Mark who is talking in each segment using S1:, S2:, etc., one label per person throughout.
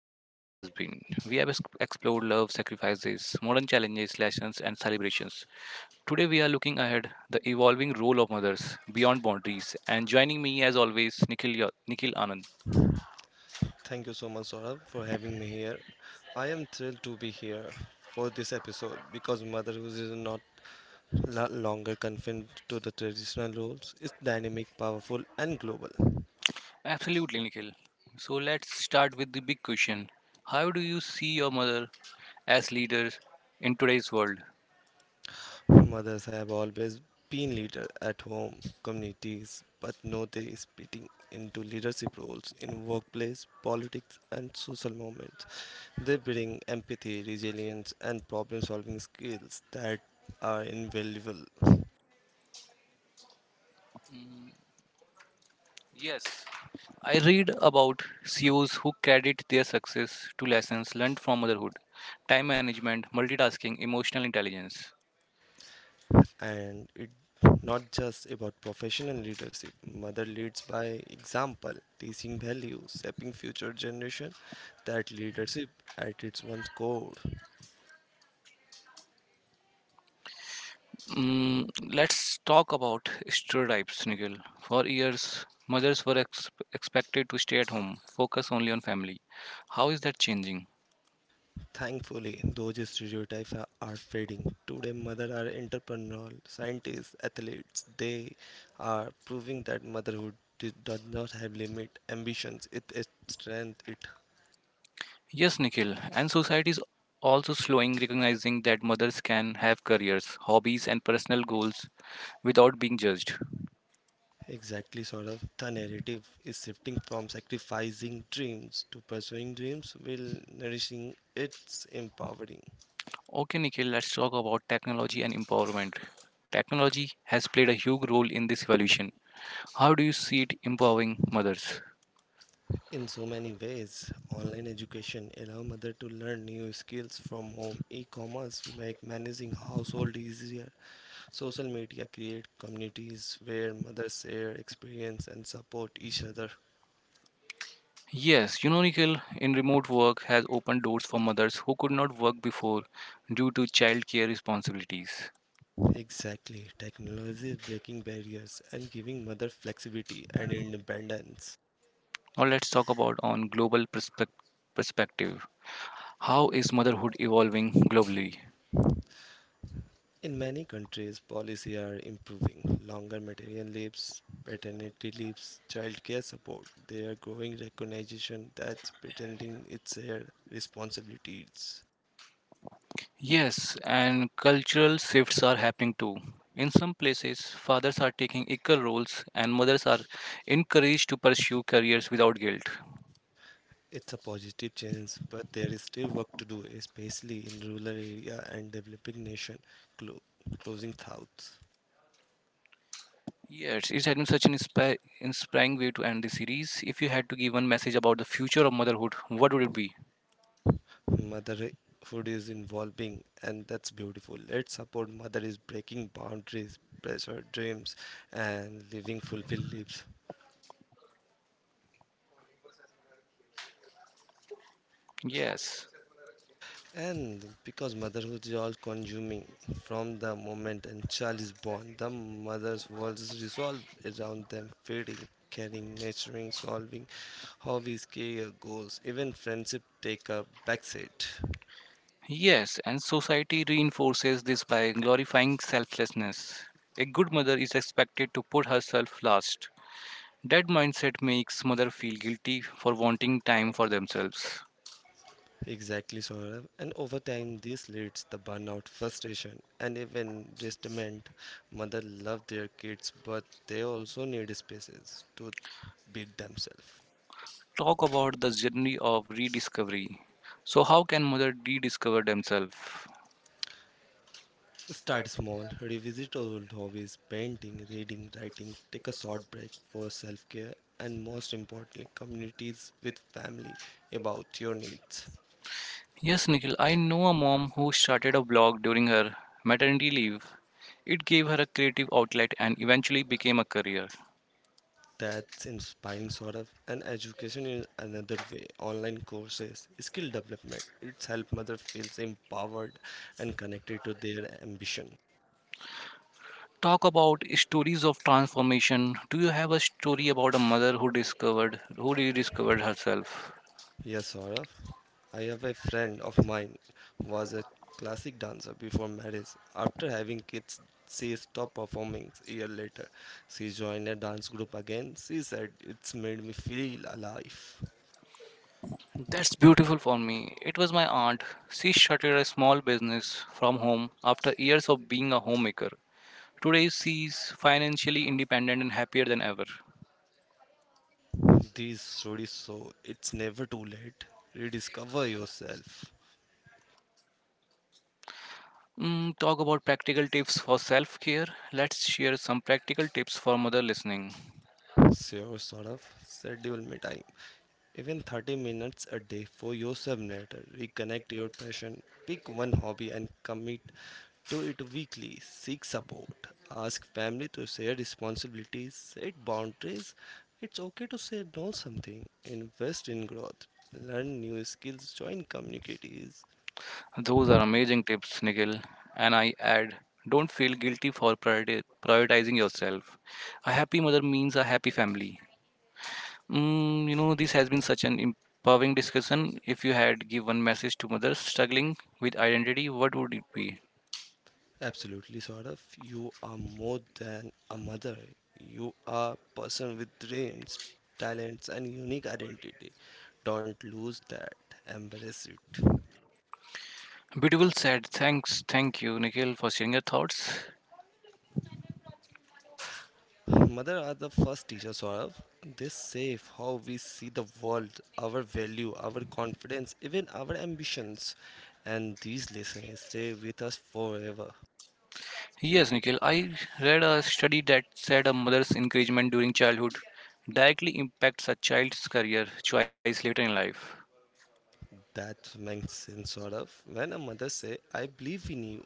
S1: journey this has been. We have explored love, sacrifices, modern challenges, lessons, and celebrations. Today we are looking ahead the evolving role of mothers beyond boundaries. And joining me, as always, Nikhil Anand.
S2: Thank you so much, Saurabh, for having me here. I am thrilled to be here for this episode because motherhood is not longer confined to the traditional roles. It's dynamic, powerful, and global.
S1: Absolutely, Nikhil. So let's start with the big question: how do you see your mother as leader in today's world?
S2: Mothers have always been leaders at home, communities, but now they are splitting into leadership roles in workplace, politics, and social movements. They bring empathy, resilience, and problem-solving skills that are invaluable
S1: Yes, I read about CEOs who credit their success to lessons learned from motherhood, time management, multitasking, emotional intelligence.
S2: and it not just about professional leadership mother leads by example teaching values shaping future generation that leadership at its one core.
S1: Mm, let's talk about stereotypes, Nikhil. For years, mothers were expected to stay at home, focus only on family. How is that changing?
S2: Thankfully those stereotypes are fading today mother are entrepreneurial scientists athletes they are proving that motherhood does not have limit ambitions it is strength it.
S1: Yes, Nikhil, and society is also slowing recognizing that mothers can have careers, hobbies, and personal goals without being judged.
S2: Exactly, sort of. The narrative is shifting from sacrificing dreams to pursuing dreams while nourishing its empowering.
S1: Okay, Nikhil, let's talk about technology and empowerment. Technology has played a huge role in this evolution. How do you see it empowering mothers?
S2: In so many ways, online education allow mother to learn new skills from home. E-commerce make managing household easier. Social media create communities where mothers share experience and support each other.
S1: Yes, you know, Nikhil, in remote work has opened doors for mothers who could not work before due to childcare responsibilities.
S2: Exactly. Technology is breaking barriers and giving mother flexibility and independence.
S1: Now let's talk about on perspective. How is motherhood evolving globally?
S2: In many countries, policy are improving. Longer material leaves, paternity leaves, childcare support. They are growing recognition that parenting it's a responsibility. It's,
S1: Yes, and cultural shifts are happening too. In some places, fathers are taking equal roles and mothers are encouraged to pursue careers without guilt.
S2: it's a positive change, but there is still work to do, especially in rural area and developing nation. Clo- Closing thoughts.
S1: Yes, it has been such an inspiring way to end the series. If you had to give one message about the future of motherhood, what would it be?
S2: Motherhood is involving, and that's beautiful. Let's support mother is breaking boundaries, pressure dreams, and living fulfilled lives.
S1: Yes.
S2: And because motherhood is all consuming from the moment a child is born, the mother's world is resolved around them, feeding, caring, nurturing, solving hobbies, career goals, even friendship take a backseat.
S1: Yes, and society reinforces this by glorifying selflessness. A good mother is expected to put herself last. That mindset makes mother feel guilty for wanting time for themselves.
S2: Exactly, Saurabh. And over time, this leads to burnout, frustration, and even resentment. Mother love their kids, but they also need spaces to be themselves.
S1: Talk about the journey of rediscovery. So, how can mother rediscover themselves?
S2: Start small, revisit old hobbies, painting, reading, writing, take a short break for self care, and most importantly, communities with family about your needs.
S1: Yes, Nikhil, I know a mom who started a blog during her maternity leave. It gave her a creative outlet and eventually became a career.
S2: That's inspiring, sort of, and education in another way. Online courses, skill development, it's help mother feels empowered and connected to their ambition.
S1: Talk about stories of transformation. Do you have a story about a mother who discovered who rediscovered herself?
S2: Yes, Saurav. I have a friend of mine who was a classic dancer before marriage. After having kids, she stopped performing a year later. She joined a dance group again. She said, "It's made me feel alive."
S1: That's beautiful for me. It was my aunt. She started a small business from home after years of being a homemaker. Today she's financially independent and happier than ever.
S2: These stories show it's never too late. Rediscover yourself.
S1: Talk about practical tips for self care. Let's share some practical tips for mother listening.
S2: Sure, Saurav. Schedule me time. Even 30 minutes a day for yourself subnator. Reconnect your passion. Pick one hobby and commit to it weekly. Seek support. Ask family to share responsibilities. Set boundaries. It's okay to say no something. Invest in growth. Learn new skills. Join communities.
S1: Those are amazing tips, Nikhil. And I add, don't feel guilty for prioritizing yourself. A happy mother means a happy family. This has been such an empowering discussion. If you had give one message to mothers struggling with identity, what would it be?
S2: Absolutely, sort of. You are more than a mother. You are a person with dreams, talents, and unique identity. Don't lose that. Embrace it.
S1: Beautiful said. Thanks. Thank you, Nikhil, for sharing your thoughts.
S2: Mother are the first teacher, Saurav. They shape how we see the world, our value, our confidence, even our ambitions. And these lessons stay with us forever.
S1: Yes, Nikhil, I read a study that said a mother's encouragement during childhood directly impacts a child's career choice later in life.
S2: That makes sense, Saurav. When a mother say, "I believe in you,"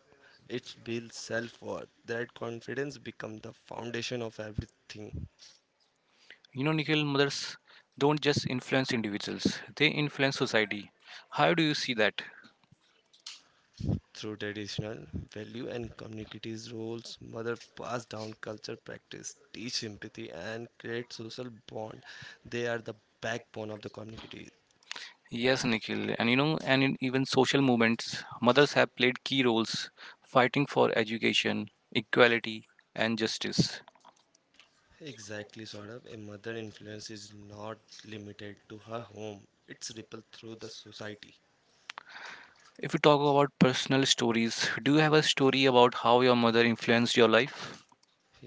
S2: it builds self-worth. That confidence becomes the foundation of everything.
S1: You know, Nikhil, mothers don't just influence individuals, they influence society. How do you see that?
S2: Through traditional value and communities roles mother pass down culture practice teach empathy and create social bond they are the backbone of the community.
S1: Yes, Nikhil, and you know, and in even social movements, mothers have played key roles fighting for education, equality, and justice.
S2: Exactly, sort of, a mother influence is not limited to her home it's ripple through the society.
S1: If you talk about personal stories, do you have a story about how your mother influenced your life?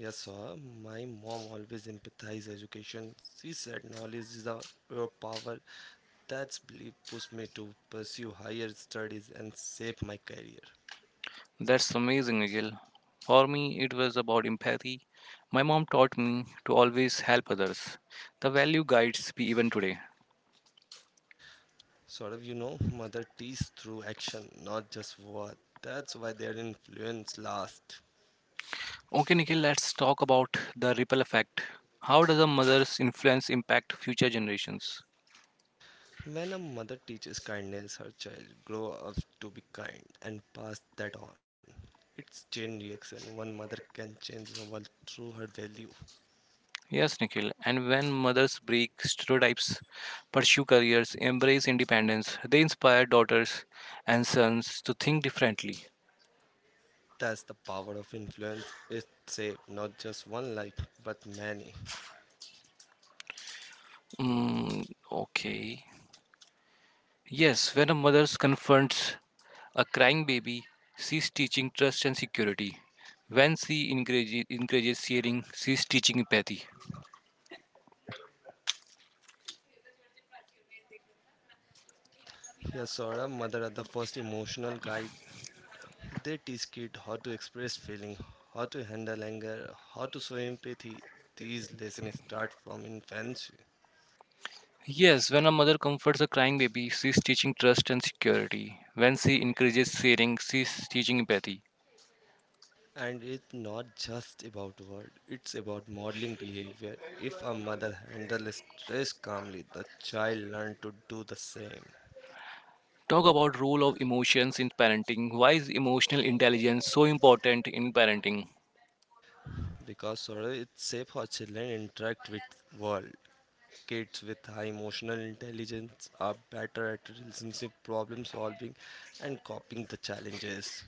S2: Yes, sir. My mom always emphasized education. She said knowledge is our your power. That's belief pushed me to pursue higher studies and shape my career.
S1: That's amazing, Miguel. For me, it was about empathy. My mom taught me to always help others. The value guides me even today.
S2: Sort of, mother teaches through action, not just word. That's why their influence lasts.
S1: Okay, Nikhil, let's talk about the ripple effect. How does a mother's influence impact future generations?
S2: When a mother teaches kindness, her child grow up to be kind and pass that on. It's chain reaction. One mother can change the world through her value.
S1: Yes, Nikhil, and when mothers break stereotypes, pursue careers, embrace independence, they inspire daughters and sons to think differently.
S2: That's the power of influence. It saves not just one life, but many.
S1: Mm, okay. Yes, when a mother confronts a crying baby, she's teaching trust and security. When encourages sharing, she's teaching empathy.
S2: Yeah, Sora, mother are the first emotional guide. They teach kids how to express feeling, how to handle anger, how to show empathy. These lessons start from infancy.
S1: Yes, when a mother comforts a crying baby, she's teaching trust and security. When she encourages sharing, she's teaching empathy.
S2: And it's not just about word, it's about modeling behavior. If a mother handles stress calmly, the child learns to do the same.
S1: Talk about role of emotions in parenting. Why is emotional intelligence so important in parenting?
S2: Because sorrow is safe how children interact with world. Kids with high emotional intelligence are better at relationship problem solving and coping the challenges.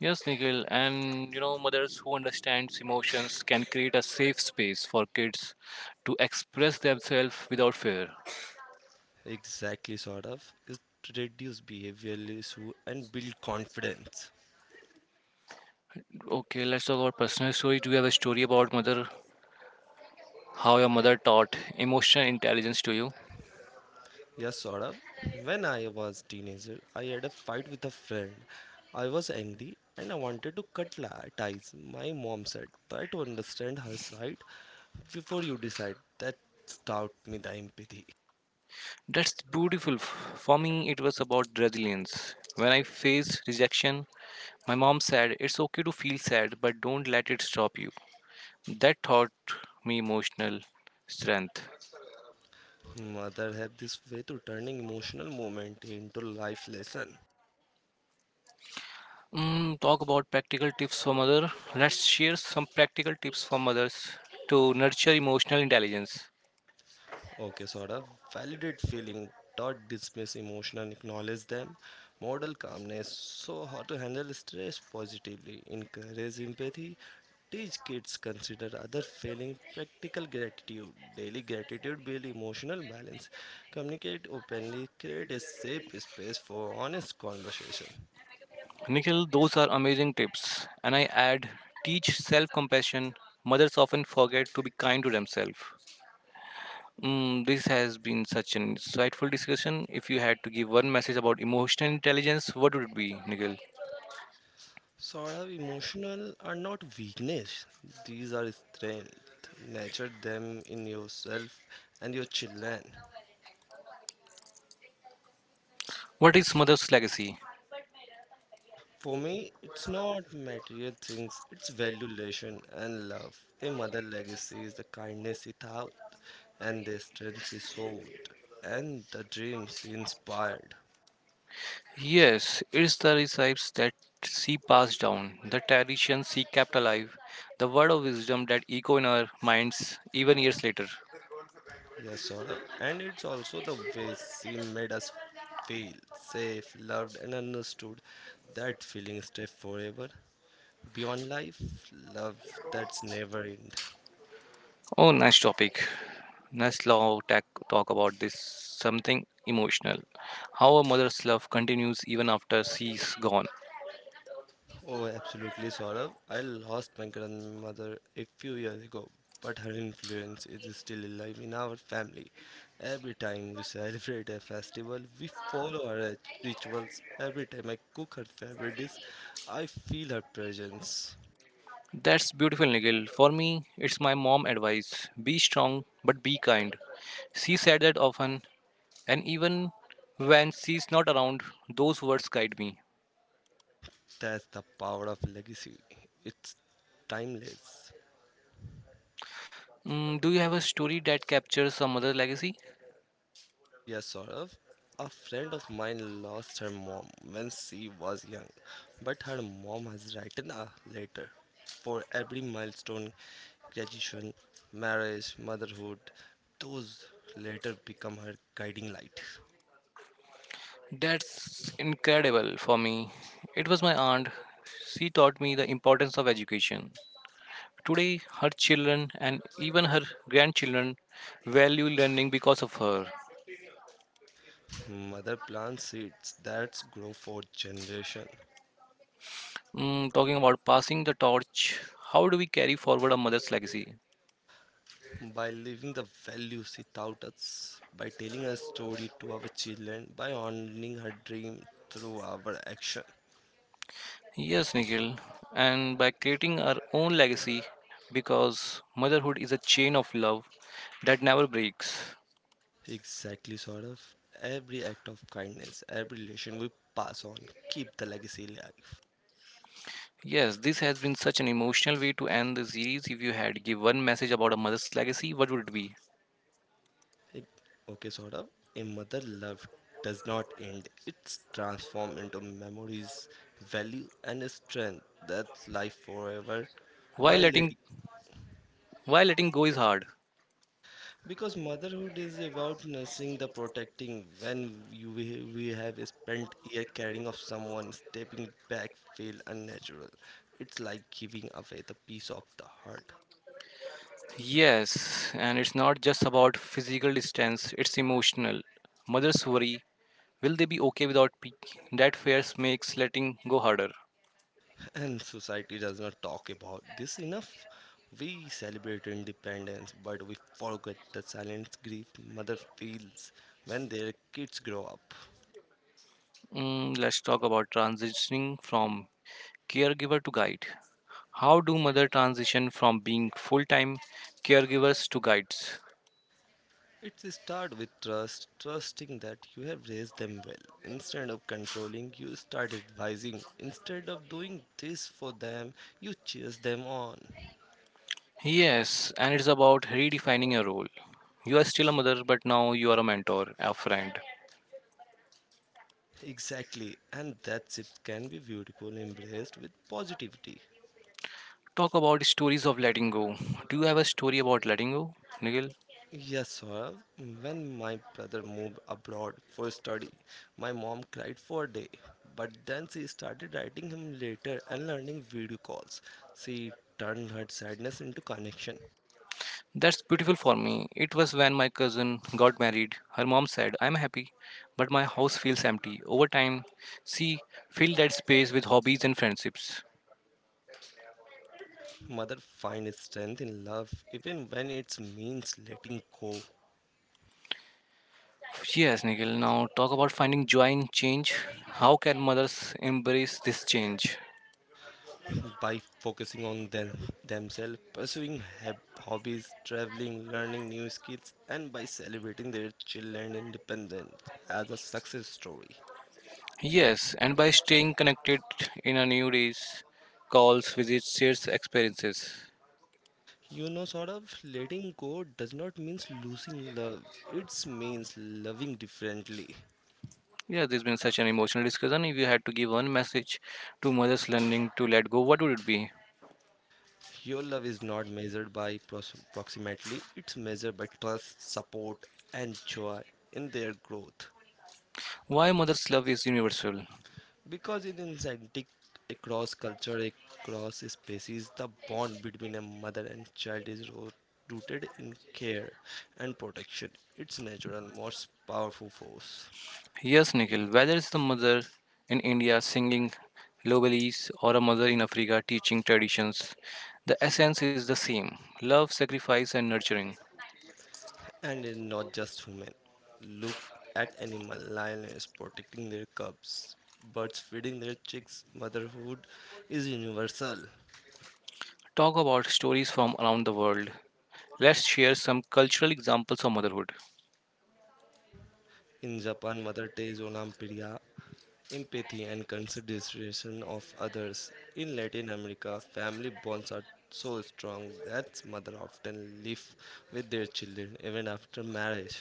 S1: Yes, Nikhil, and you know, mothers who understands emotions can create a safe space for kids to express themselves without fear.
S2: Exactly, sort of. Is to reduce behavioral issue and build confidence.
S1: Okay, let's talk about personal story. Do you have a story about mother? How your mother taught emotional intelligence to you?
S2: Yes, sort of. When I was teenager, I had a fight with a friend. I was angry and I wanted to cut ties. My mom said, "Try to understand her side before you decide." That taught me the empathy.
S1: That's beautiful. For me, it was about resilience. When I faced rejection, my mom said, "It's okay to feel sad, but don't let it stop you." That taught me emotional strength.
S2: Mother have this way to turning emotional moment into life lesson.
S1: Talk about practical tips for mother. Let's share some practical tips for mothers to nurture emotional intelligence.
S2: Okay, Saurabh. Validate feeling. Don't dismiss emotion and acknowledge them. Model calmness. So, how to handle stress positively. Encourage empathy. Teach kids consider other feeling. Practical gratitude. Daily gratitude build emotional balance. Communicate openly. Create a safe space for honest conversation.
S1: Nikhil, those are amazing tips. And I add, teach self-compassion. Mothers often forget to be kind to themselves. This has been such an insightful discussion. If you had to give one message about emotional intelligence, what would it be, Nikhil?
S2: Sort of emotional are not weakness. These are strength. Nurture them in yourself and your children.
S1: What is mother's legacy?
S2: For me, it's not material things, it's valuation and love. A mother legacy is the kindness it out, and the strength she showed, and the dreams she inspired.
S1: Yes, it's the recipes that she passed down, the traditions she kept alive, the word of wisdom that echo in our minds even years later.
S2: Yes, Saurabh. And it's also the way she made us feel safe, loved, and understood. That feeling stays forever. Beyond life, love that's never end.
S1: Oh, nice topic. Nice law talk, talk about this something emotional. How a mother's love continues even after she's gone.
S2: Oh, absolutely, Saurabh. I lost my grandmother a few years ago, but her influence is still alive in our family. Every time we celebrate a festival, we follow her rituals. Every time I cook her favorite dish, I feel her presence.
S1: That's beautiful, Nigel. For me, it's my mom advice. Be strong, but be kind. She said that often, and even when she's not around, those words guide me.
S2: That's the power of legacy. It's timeless.
S1: Do you have a story that captures some mother legacy?
S2: Yes, Saurav. A friend of mine lost her mom when she was young, but her mom has written a letter for every milestone graduation, marriage, motherhood. Those later become her guiding light.
S1: That's incredible for me. It was my aunt. She taught me the importance of education. Today, her children and even her grandchildren value learning because of her.
S2: Mother plants seeds that grow for generation
S1: Talking about passing the torch, how do we carry forward a mother's legacy?
S2: by living the values she taught us, by telling her story to our children, by honoring her dream through our action.
S1: Yes, Nikhil, and by creating our own legacy because motherhood is a chain of love that never breaks.
S2: Exactly, sort of. Every act of kindness, every relation we pass on, keep the legacy alive.
S1: Yes, this has been such an emotional way to end the series. If you had to give one message about a mother's legacy, what would it be?
S2: Like, okay, sort of. A mother love does not end, it's transformed into memories, value, and a strength that's life forever.
S1: Why
S2: While it,
S1: letting why letting go is hard?
S2: because motherhood is about nursing the protecting when we have spent year caring of someone, stepping back feel unnatural. It's like giving away the peace of the heart.
S1: Yes, and it's not just about physical distance, it's emotional. Mothers worry, will they be okay without me? That fear makes letting go harder.
S2: And society does not talk about this enough. We celebrate independence, but we forget the silent grief mother feels when their kids grow up.
S1: Let's talk about transitioning from caregiver to guide. How do mother transition from being full-time caregivers to guides?
S2: It starts with trust, trusting that you have raised them well. Instead of controlling, you start advising. Instead of doing this for them, you cheers them on.
S1: Yes, and it's about redefining your role. You are still a mother, but now you are a mentor, a friend.
S2: Exactly, and that shift can be beautiful, embraced with positivity.
S1: Talk about stories of letting go. Do you have a story about letting go, Nigel?
S2: Yes, sir. When my brother moved abroad for study, my mom cried for a day, but then she started writing him later and learning video calls. She turned her sadness into connection.
S1: That's beautiful for me. It was when my cousin got married. Her mom said, I'm happy, but my house feels empty. Over time, she filled that space with hobbies and friendships.
S2: Mother finds strength in love even when it means letting go.
S1: Yes, Nigel, now talk about finding joy in change. How can mothers embrace this change?
S2: By focusing on themselves, pursuing hobbies, traveling, learning new skills, and by celebrating their children independence as a success story.
S1: Yes, and by staying connected in a new days, calls, visits, shares experiences.
S2: You know, sort of letting go does not mean losing love. It means loving differently.
S1: Yeah, there's been such an emotional discussion. If you had to give one message to mothers learning to let go, what would it be?
S2: Your love is not measured by approximately, it's measured by trust, support, and joy in their growth.
S1: Why mother's love is universal?
S2: Because in insanity, across culture, across species, the bond between a mother and child is rooted in care and protection. It's natural, most powerful force.
S1: Yes, Nikhil, whether it's the mother in India singing lullabies or a mother in Africa teaching traditions, the essence is the same love, sacrifice, and nurturing.
S2: And it's not just human. Look at animal lions protecting their cubs, birds feeding their chicks. Motherhood is universal.
S1: Talk about stories from around the world. Let's share some cultural examples of motherhood.
S2: In Japan, mother takes olampiria, empathy and consideration of others. In Latin America, family bonds are so strong that mothers often live with their children even after marriage.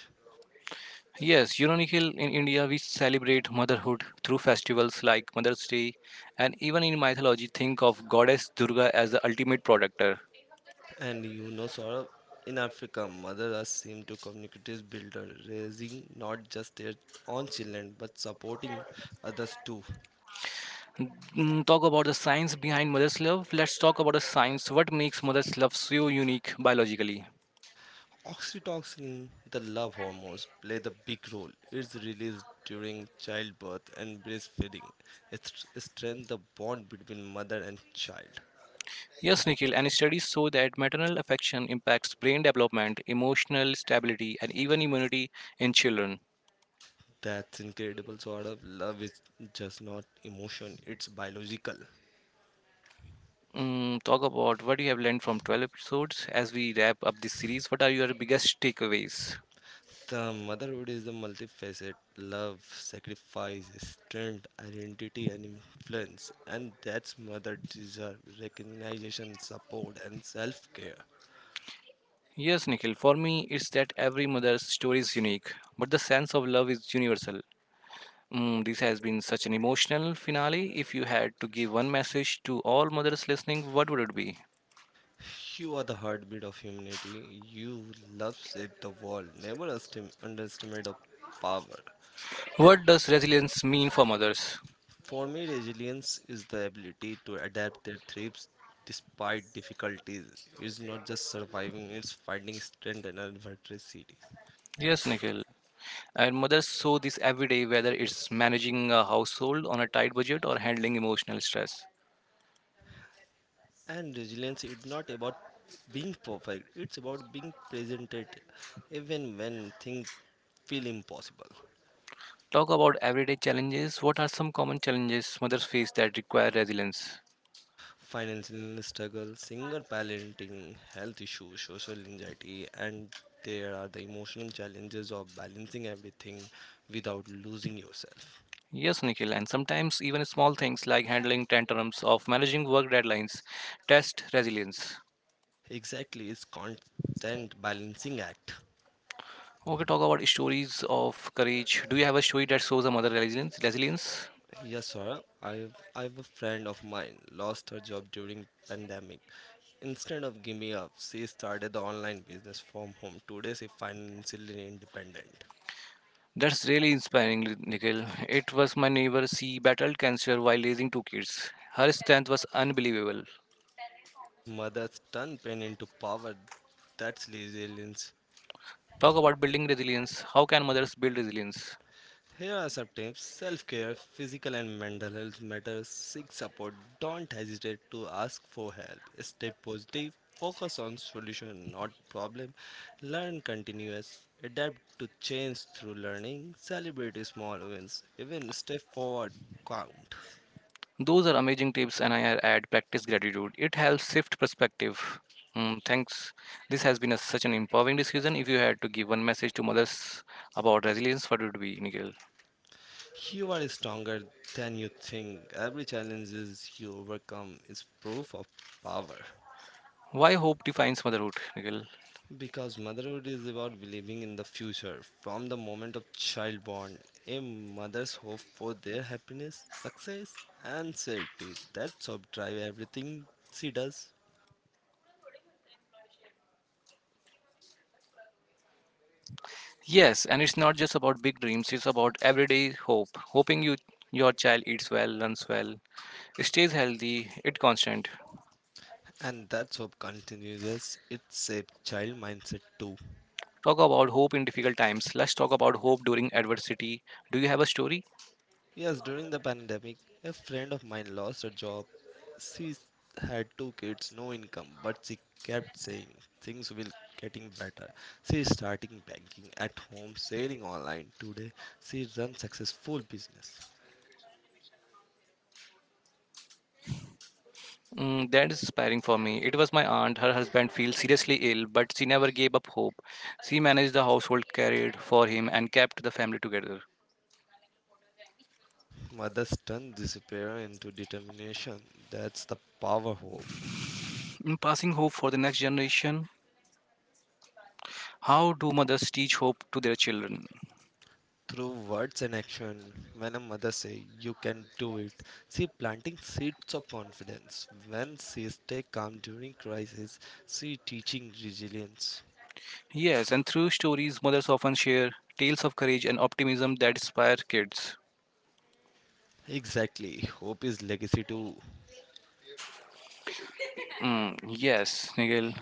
S1: Yes, uniquely in India, we celebrate motherhood through festivals like Mother's Day, and even in mythology, think of goddess Durga as the ultimate protector.
S2: And Saurabh, in Africa, Mother Earth seem to communicate as builder, raising not just their own children but supporting others too.
S1: Talk about the science behind mother's love. Let's talk about the science. What makes mother's love so unique biologically?
S2: Oxytocin, the love hormones, play the big role. It's released during childbirth and breastfeeding. It strengthens the bond between mother and child.
S1: Yes, Nikhil, and studies show that maternal affection impacts brain development, emotional stability, and even immunity in children.
S2: That's incredible, Saurabh. Love is just not emotion; it's biological.
S1: Talk about what you have learned from 12 episodes as we wrap up this series. What are your biggest takeaways?
S2: The motherhood is the multifaceted love, sacrifice, strength, identity, and influence, and that's mother deserve recognition, support, and self care.
S1: Yes, Nikhil, for me, it's that every mother's story is unique, but the sense of love is universal. This has been such an emotional finale. If you had to give one message to all mothers listening, what would it be?
S2: You are the heartbeat of humanity. You love shape the world. Never underestimate the power.
S1: What does resilience mean for mothers?
S2: For me, resilience is the ability to adapt their thrives despite difficulties. It's not just surviving, it's finding strength in adversity.
S1: Yes, Nikhil. And mothers show this every day, whether it's managing a household on a tight budget or handling emotional stress.
S2: And resilience is not about being perfect, it's about being present at even when things feel impossible.
S1: Talk about everyday challenges. What are some common challenges mothers face that require resilience?
S2: Financial struggle, single parenting, health issues, social anxiety, and there are the emotional challenges of balancing everything without losing yourself.
S1: Yes, Nikhil, and sometimes even small things like handling tantrums of managing work deadlines test resilience.
S2: Exactly, it's constant balancing act.
S1: Okay, talk about stories of courage. Do you have a story that shows a mother resilience? Resilience.
S2: Yes, sir. I have a friend of mine lost her job during pandemic. Instead of giving up, she started the online business from home. Today, she financially independent.
S1: That's really inspiring, Nikhil. It was my neighbor. She battled cancer while raising two kids. Her strength was unbelievable.
S2: Mothers turn pain into power. That's resilience.
S1: Talk about building resilience. How can mothers build resilience?
S2: Here are some tips: self-care, physical and mental health matters. Seek support. Don't hesitate to ask for help. Stay positive. Focus on solution, not problem. Learn continuous. Adapt to change through learning. Celebrate small wins. Even step forward count.
S1: Those are amazing tips, and I add practice gratitude. It helps shift perspective. Thanks. This has been a, Such an empowering discussion. If you had to give one message to mothers about resilience, what would it be, Nikhil?
S2: You are stronger than you think. Every challenge is you overcome is proof of power.
S1: Why hope defines motherhood, Nikhil?
S2: Because motherhood is about believing in the future. From the moment of childborn, a mother's hope for their happiness, success, and safety. That hope drive everything she does,
S1: Yes, and it's not just about big dreams. It's about everyday hope, hoping your child eats well, learns well, stays healthy, it constant.
S2: and that hope continues its a child mindset too.
S1: Talk about hope in difficult times. Let's talk about hope during adversity. Do you have a story?
S2: Yes, during the pandemic, a friend of mine lost her job. She had two kids, no income, but she kept saying things will getting better. She is starting banking at home, selling online. Today, she runs successful business.
S1: That is inspiring for me. It was my aunt. Her husband feels seriously ill, but she never gave up hope. She managed the household, carried for him, and kept the family together.
S2: Mother's turn disappear into determination. That's the power hope.
S1: Passing hope for the next generation. How do mothers teach hope to their children?
S2: Through words and action when a mother say "you can do it" she planting seeds of confidence when she stay calm during crisis she teaching resilience.
S1: Yes, and through stories, mothers often share tales of courage and optimism that inspire kids.
S2: Exactly, hope is legacy too.
S1: Yes, Nikhil.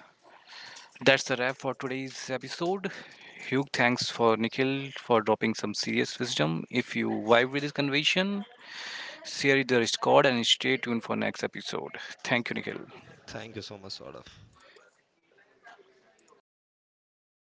S1: That's a wrap for today's episode. Huge thanks for Nikhil for dropping some serious wisdom. If you vibe with this conversation, share it the record, and stay tuned for next episode. Thank you, Nikhil.
S2: Thank you so much, Saurav.